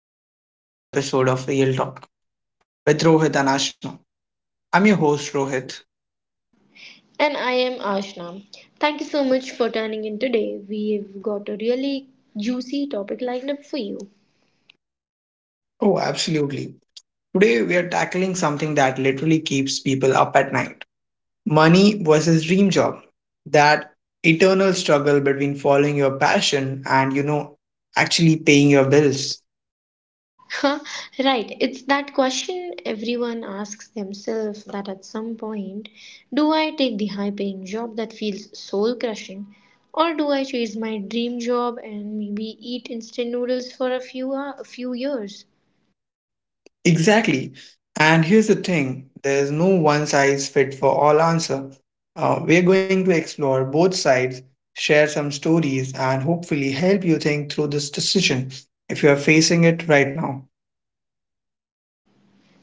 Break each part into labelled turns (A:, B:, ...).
A: and welcome back to another episode of Real Talk with Rohit and Ashna. I'm your host, Rohit.
B: And I am Ashna. Thank you so much for tuning in today. We've got a really juicy topic lined up for you.
A: Oh, absolutely. Today we are tackling something that literally keeps people up at night money versus dream job. That eternal struggle between following your passion and, actually paying your bills.
B: Huh? Right, it's that question everyone asks themselves that at some point, do I take the high paying job that feels soul crushing, or do I chase my dream job and maybe eat instant noodles for a few years?
A: Exactly. And here's the thing there's no one size fit for all answer. We're going to explore both sides, share some stories, and hopefully help you think through this decision if you are facing it right now.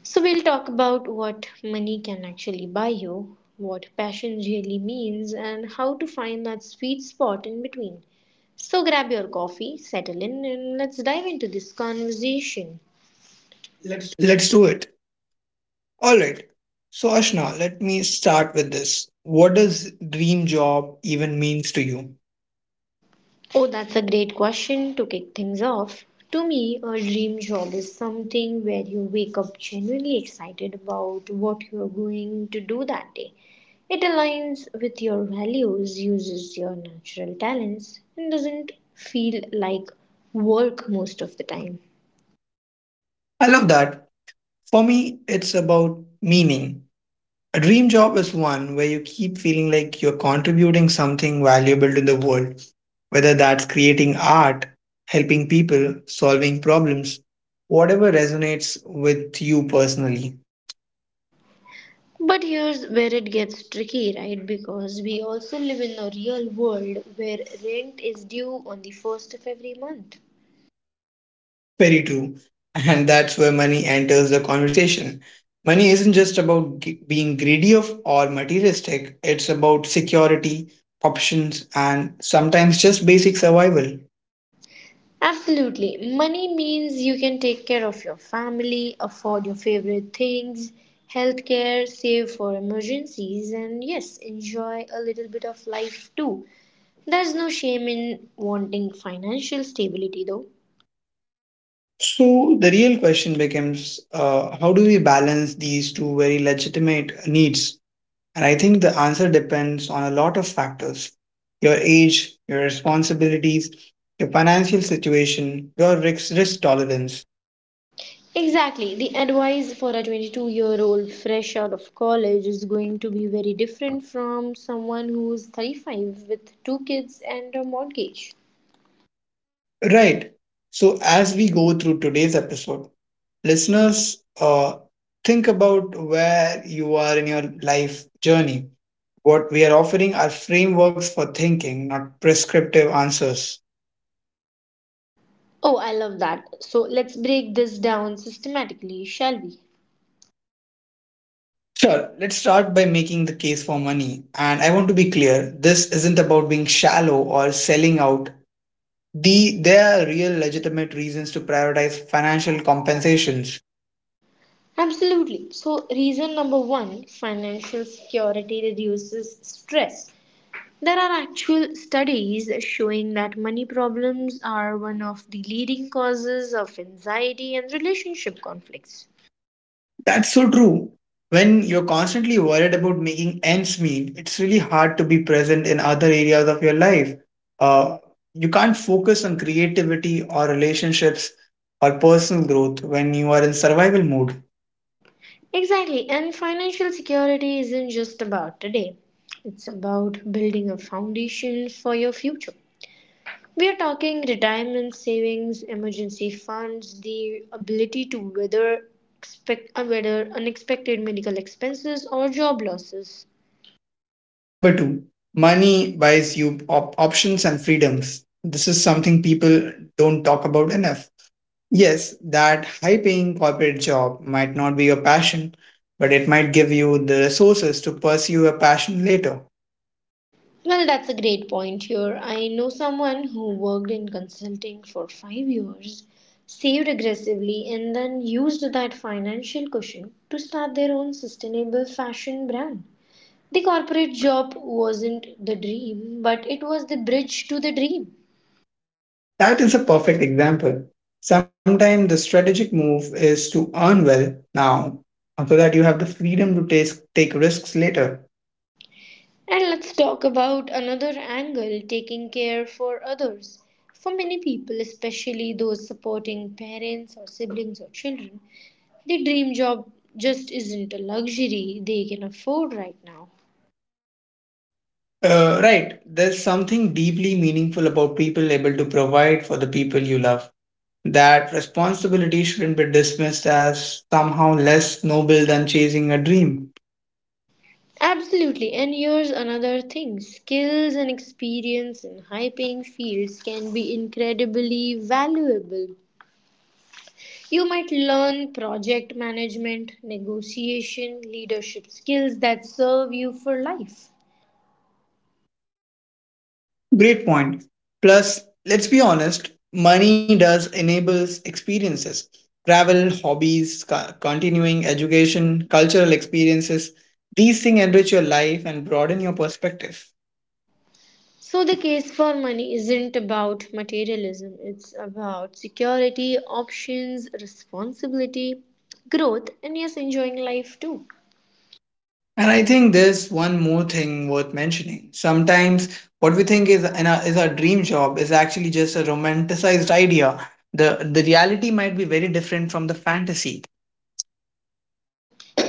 B: So, we'll talk about what money can actually buy you, what passion really means, and how to find that sweet spot in between. So, grab your coffee, settle in, and let's dive into this conversation. Let's.
A: Let's do it. All right. So, Ashna, let me start with this. What does dream job even means to you?
B: Oh, that's a great question to kick things off. To me, a dream job is something where you wake up genuinely excited about what you're going to do that day. It aligns with your values, uses your natural talents, and doesn't feel like work most of the time.
A: I love that. For me, it's about meaning. A dream job is one where you keep feeling like you're contributing something valuable to the world, whether that's creating art, helping people, solving problems, whatever resonates with you personally.
B: But here's where it gets tricky, right? Because we also live in a real world where rent is due on the first of every month.
A: Very true. And that's where money enters the conversation. Money isn't just about being greedy of or materialistic, it's about security, options, and sometimes just basic survival.
B: Absolutely. Money means you can take care of your family, afford your favorite things, healthcare, save for emergencies, and yes, enjoy a little bit of life too. There's no shame in wanting financial stability though.
A: So the real question becomes how do we balance these two very legitimate needs? And I think the answer depends on a lot of factors your age, your responsibilities, your financial situation, your risk tolerance.
B: Exactly. The advice for a 22-year-old fresh out of college is going to be very different from someone who's 35 with two kids and a mortgage.
A: Right. So as we go through today's episode, listeners, think about where you are in your life journey. What we are offering are frameworks for thinking, not prescriptive answers.
B: Oh, I love that. So let's break this down systematically, shall we?
A: Sure, let's start by making the case for money. And I want to be clear this isn't about being shallow or selling out. There are real legitimate reasons to prioritize financial compensations.
B: Absolutely. So, reason number one, financial security reduces stress. There are actual studies showing that money problems are one of the leading causes of anxiety and relationship conflicts.
A: That's so true. When you're constantly worried about making ends meet, it's really hard to be present in other areas of your life. Uh, you can't focus on creativity or relationships or personal growth when you are in survival mode.
B: Exactly, and financial security isn't just about today, it's about building a foundation for your future. We are talking retirement savings, emergency funds, the ability to weather unexpected medical expenses or job losses.
A: Number two, money buys you options and freedoms. This is something people don't talk about enough. Yes, that high paying corporate job might not be your passion, but it might give you the resources to pursue a passion later.
B: Well, that's a great point here. I know someone who worked in consulting for 5 years, saved aggressively, and then used that financial cushion to start their own sustainable fashion brand. The corporate job wasn't the dream, but it was the bridge to the dream.
A: That is a perfect example. Sometimes the strategic move is to earn well now so that you have the freedom to take risks later.
B: And let's talk about another angle, taking care for others. For many people, especially those supporting parents or siblings or children, the dream job just isn't a luxury they can afford right now.
A: Right, there's something deeply meaningful about people able to provide for the people you love that responsibility shouldn't be dismissed as somehow less noble than chasing a dream.
B: Absolutely, and here's another thing, skills and experience in high paying fields can be incredibly valuable. You might learn project management, negotiation, leadership skills that serve you for life.
A: Great point. Plus, let's be honest, money does enables experiences. Travel, hobbies, continuing education, cultural experiences. These things enrich your life and broaden your perspective.
B: So, the case for money isn't about materialism, it's about security, options, responsibility, growth, and yes, enjoying life too.
A: And I think there's one more thing worth mentioning. Sometimes what we think is our dream job is actually just a romanticized idea. The reality might be very different from the fantasy.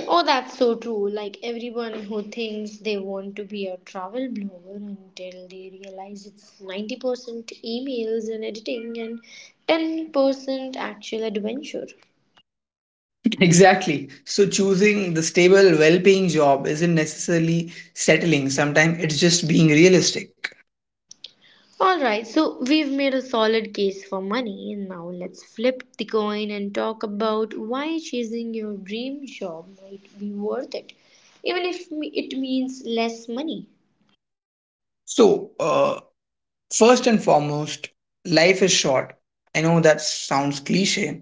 B: Oh, that's so true. Like everyone who thinks they want to be a travel blogger until they realize it's 90% emails and editing and 10% actual adventure.
A: Exactly. So choosing the stable, well-paying job isn't necessarily settling. Sometimes it's just being realistic.
B: All right, so we've made a solid case for money. And now let's flip the coin and talk about why chasing your dream job might be worth it, even if it means less money.
A: So uh, First and foremost, life is short. I know that sounds cliche,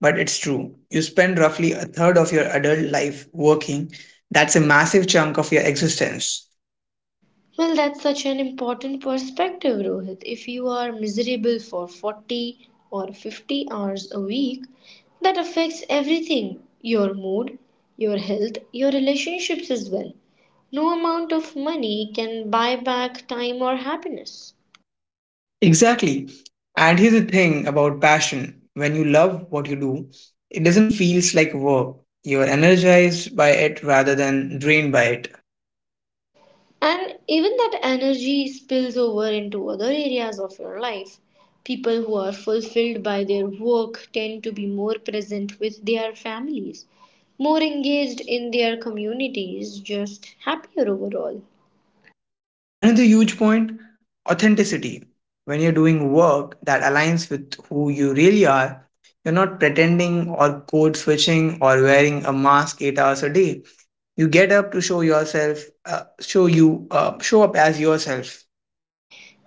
A: but it's true. You spend roughly a third of your adult life working. That's a massive chunk of your existence.
B: Well, that's such an important perspective, Rohit. If you are miserable for 40 or 50 hours a week, that affects everything, your mood, your health, your relationships as well. No amount of money can buy back time or happiness.
A: Exactly. And here's the thing about passion when you love what you do, it doesn't feel like work. You're energized by it rather than drained by it.
B: And even that energy spills over into other areas of your life. People who are fulfilled by their work tend to be more present with their families, more engaged in their communities, just happier overall.
A: Another huge point authenticity. When you're doing work that aligns with who you really are, you're not pretending or code switching or wearing a mask eight hours a day. You get up to show yourself, show up as yourself.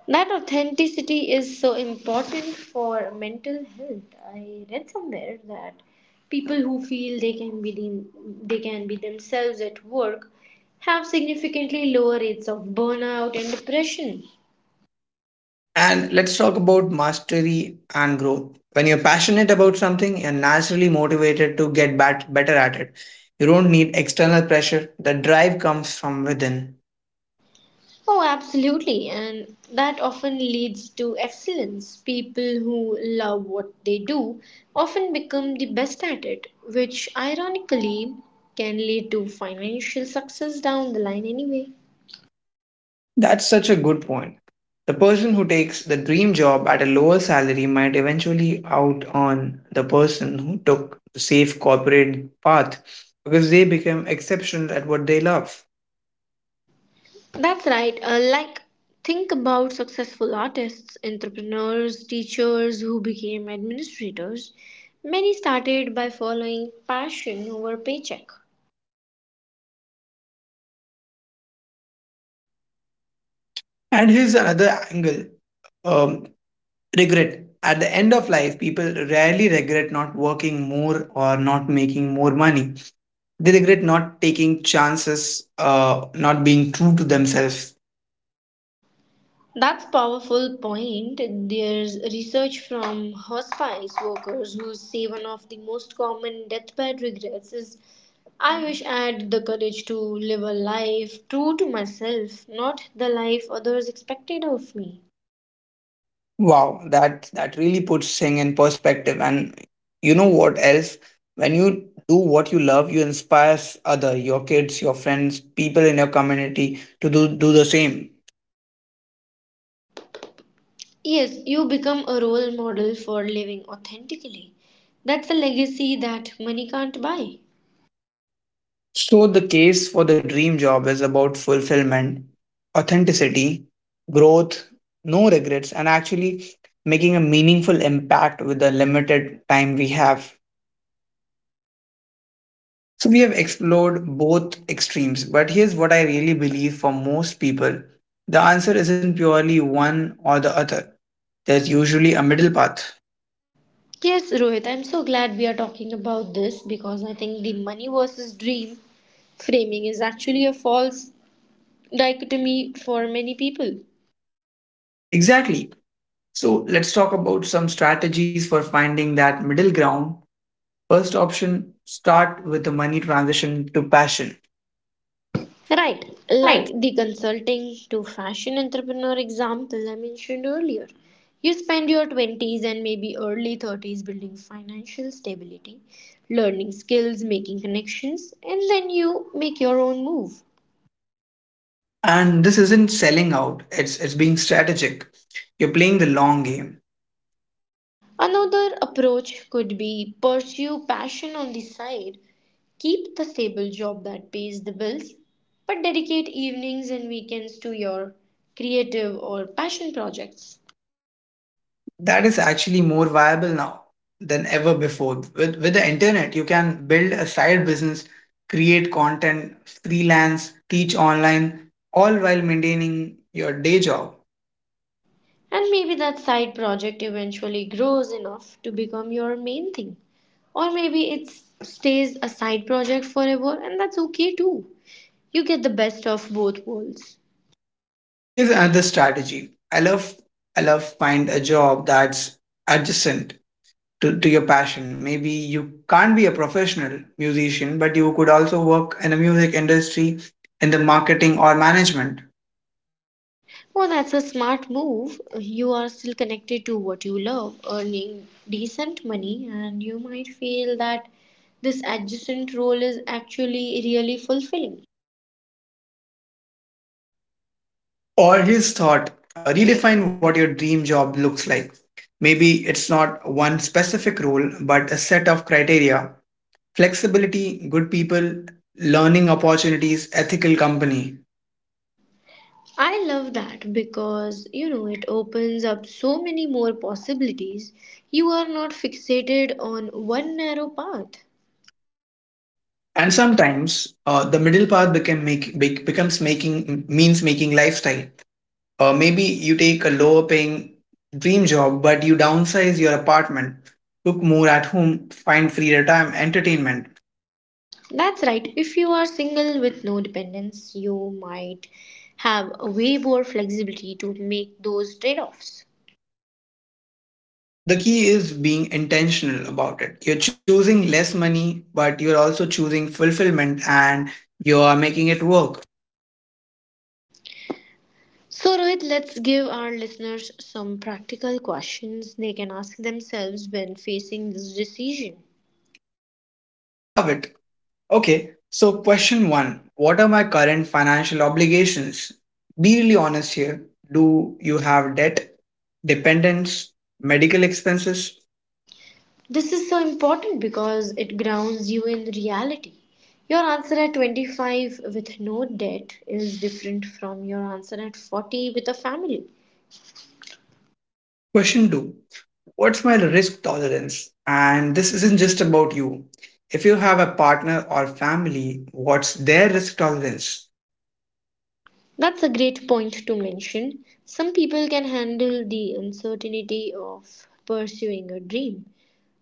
B: That authenticity is so important for mental health. I read somewhere that people who feel they can be themselves at work have significantly lower rates of burnout and depression.
A: And let's talk about mastery and growth. When you're passionate about something, you're naturally motivated to get better at it. You don't need external pressure. The drive comes from within.
B: Oh, absolutely. And that often leads to excellence. People who love what they do often become the best at it, which ironically can lead to financial success down the line anyway.
A: That's such a good point. The person who takes the dream job at a lower salary might eventually out on the person who took the safe corporate path because they became exceptional at what they love.
B: That's right. Like, think about successful artists, entrepreneurs, teachers who became administrators. Many started by following passion over paycheck.
A: And here's another angle um, regret. At the end of life, people rarely regret not working more or not making more money. They regret not taking chances, not being true to themselves.
B: That's powerful point. There's research from hospice workers who say one of the most common deathbed regrets is, I wish I had the courage to live a life true to myself, not the life others expected of me.
A: Wow, that really puts things in perspective. And you know what else? When you do what you love, you inspire other, your kids, your friends, people in your community to do the same.
B: Yes, you become a role model for living authentically. That's a legacy that money can't buy.
A: So the case for the dream job is about fulfillment, authenticity, growth, no regrets, and actually making a meaningful impact with the limited time we have. So we have explored both extremes, but here's what I really believe for most people. The answer isn't purely one or the other. There's usually a middle path.
B: Yes, Rohit, I'm so glad we are talking about this because I think the money versus dream framing is actually a false dichotomy for many people.
A: Exactly. So let's talk about some strategies for finding that middle ground. First option, start with the money transition to passion.
B: Right,
A: Right.
B: like the consulting to fashion entrepreneur example I mentioned earlier. You spend your 20s and maybe early 30s building financial stability, learning skills, making connections, and then you make your own move.
A: And this isn't selling out, it's being strategic. You're playing the long game.
B: Another approach could be pursue passion on the side, keep the stable job that pays the bills, but dedicate evenings and weekends to your creative or passion projects.
A: That is actually more viable now than ever before. With the internet, you can build a side business, create content, freelance, teach online, all while maintaining your day job.
B: And maybe that side project eventually grows enough to become your main thing. Or maybe it stays a side project forever, and that's okay too. You get the best of both worlds.
A: Here's another strategy. I love find a job that's adjacent to your passion. Maybe you can't be a professional musician, but you could also work in the music industry, in the marketing or management.
B: Well, that's a smart move. You are still connected to what you love, earning decent money, and you might feel that this adjacent role is actually really fulfilling.
A: Or his thought, redefine what your dream job looks like. Maybe it's not one specific role, but a set of criteria flexibility, good people, learning opportunities, ethical company.
B: I love that because you know it opens up so many more possibilities. You are not fixated on one narrow path.
A: And sometimes the middle path becomes making means making lifestyle. Maybe you take a lower paying dream job, but you downsize your apartment, cook more at home, find free time, entertainment
B: That's right, if you are single with no dependents, you might have way more flexibility to make those trade offs.
A: The key is being intentional about it. You're choosing less money, but you're also choosing fulfillment and you're making it work.
B: So, Rohit, let's give our listeners some practical questions they can ask themselves when facing this decision.
A: I love it. Okay, so question one What are my current financial obligations? Be really honest here. Do you have debt, dependents, medical expenses?
B: This is so important because it grounds you in reality. Your answer at 25 with no debt is different from your answer at 40 with a family.
A: Question two What's my risk tolerance? And this isn't just about you. If you have a partner or family, what's their risk tolerance?
B: That's a great point to mention. Some people can handle the uncertainty of pursuing a dream.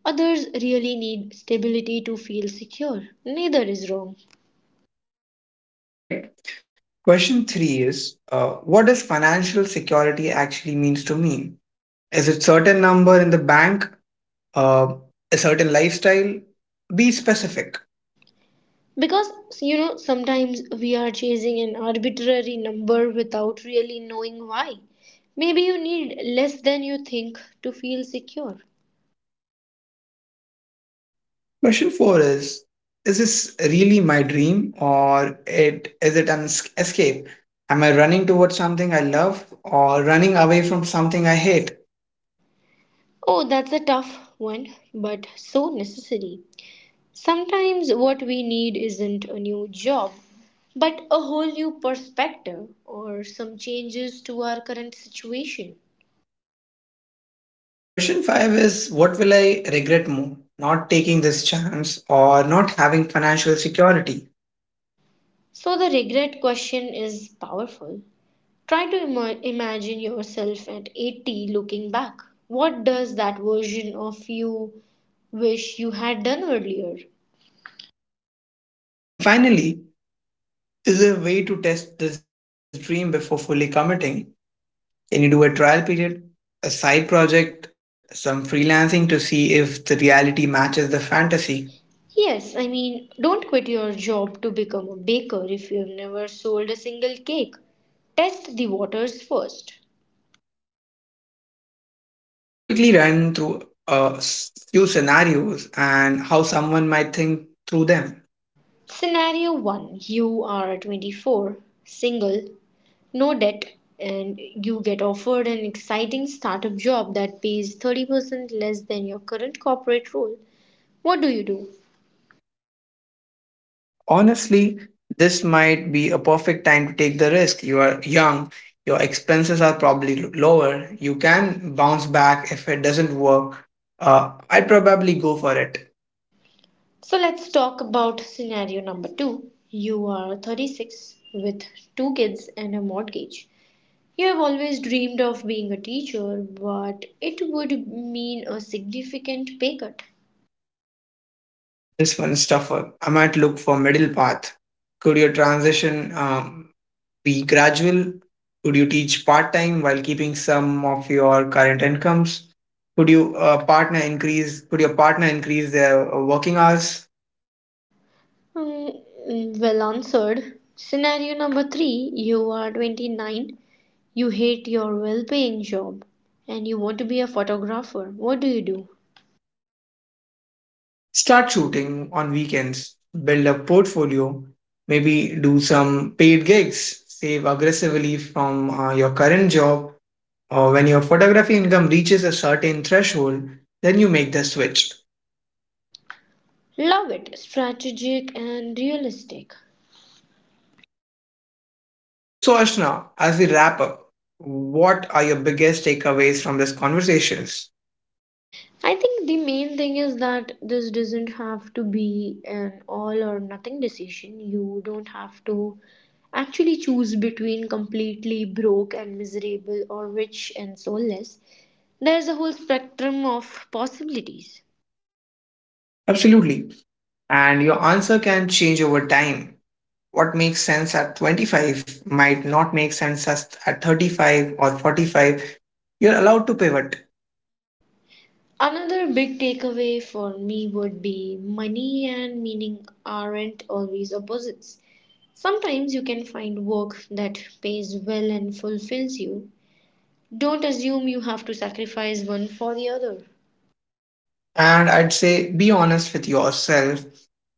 B: Others really need stability to feel secure. Neither is wrong.
A: Correct. Question three is What does financial security actually means to me? Is it certain number in the bank? Uh, a certain lifestyle? Be specific.
B: Because, you know, sometimes we are chasing an arbitrary number without really knowing why. Maybe you need less than you think to feel secure.
A: Question four is this really my dream or it is it an escape? Am I running towards something I love or running away from something I hate?
B: Oh, that's a tough one, but so necessary. Sometimes what we need isn't a new job, but a whole new perspective or some changes to our current situation.
A: Question five is What will I regret more? Not taking this chance or not having financial security?
B: So the regret question is powerful. Try to imagine yourself at 80 looking back. What does that version of you wish you had done earlier?
A: And finally, Is there a way to test this dream before fully committing? Can you do a trial period, a side project, some freelancing to see if the reality matches the fantasy?
B: Yes, I mean, don't quit your job to become a baker if you have never sold a single cake. Test the waters first.
A: Let's quickly run through a few scenarios and how someone might think through them.
B: Scenario 1, you are 24, single, no debt, and you get offered an exciting startup job that pays 30% less than your current corporate role. What do you do?
A: Honestly, this might be a perfect time to take the risk. You are young, your expenses are probably lower, you can bounce back if it doesn't work. I'd probably go for it.
B: So let's talk about scenario number two. You are 36 with two kids and a mortgage. You have always dreamed of being a teacher, but it would mean a significant pay cut.
A: This one's tougher. I might look for middle path. Could your transition be gradual? Could you teach part time while keeping some of your current incomes? Could you partner increase their working hours?
B: Mm, mm, well answered. Scenario number three. You are 29. You hate your well paying job and you want to be a photographer. What do you do?
A: Start shooting on weekends. Build a portfolio. Maybe do some paid gigs. Save aggressively from your current job. Or when your photography income reaches a certain threshold, then you make the switch.
B: Love it. Strategic and realistic.
A: So, Ashna, as we wrap up, what are your biggest takeaways from these conversations?
B: I think the main thing is that this doesn't have to be an all or nothing decision. You don't have to actually choose between completely broke and miserable or rich and soulless. There's a whole spectrum of possibilities.
A: Absolutely. And your answer can change over time. What makes sense at 25 might not make sense at 35 or 45. You're allowed to pivot.
B: Another big takeaway for me would be money and meaning aren't always opposites. Sometimes you can find work that pays well and fulfills you. Don't assume you have to sacrifice one for the other.
A: And I'd say be honest with yourself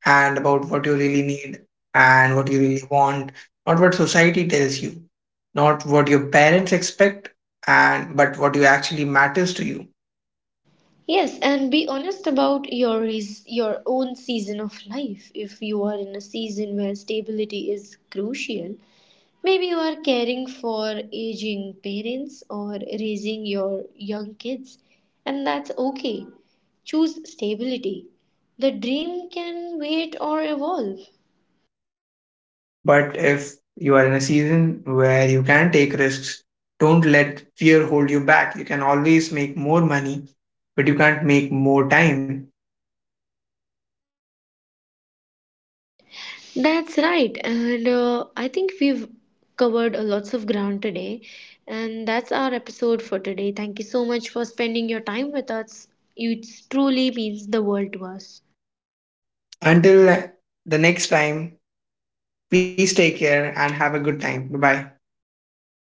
A: and about what you really need and what you really want, not what society tells you, not what your parents expect, and but what you actually matters to you
B: Yes, and be honest about your is your own season of life. If you are in a season where stability is crucial, maybe you are caring for aging parents or raising your young kids, and that's okay. Choose stability. The dream can wait or evolve.
A: But if you are in a season where you can take risks, don't let fear hold you back. You can always make more money, but you can't make more time.
B: That's right. And I think we've covered a lots of ground today. And that's our episode for today. Thank you so much for spending your time with us. It truly means the world to us.
A: Until the next time, please take care and have a good time. Bye bye.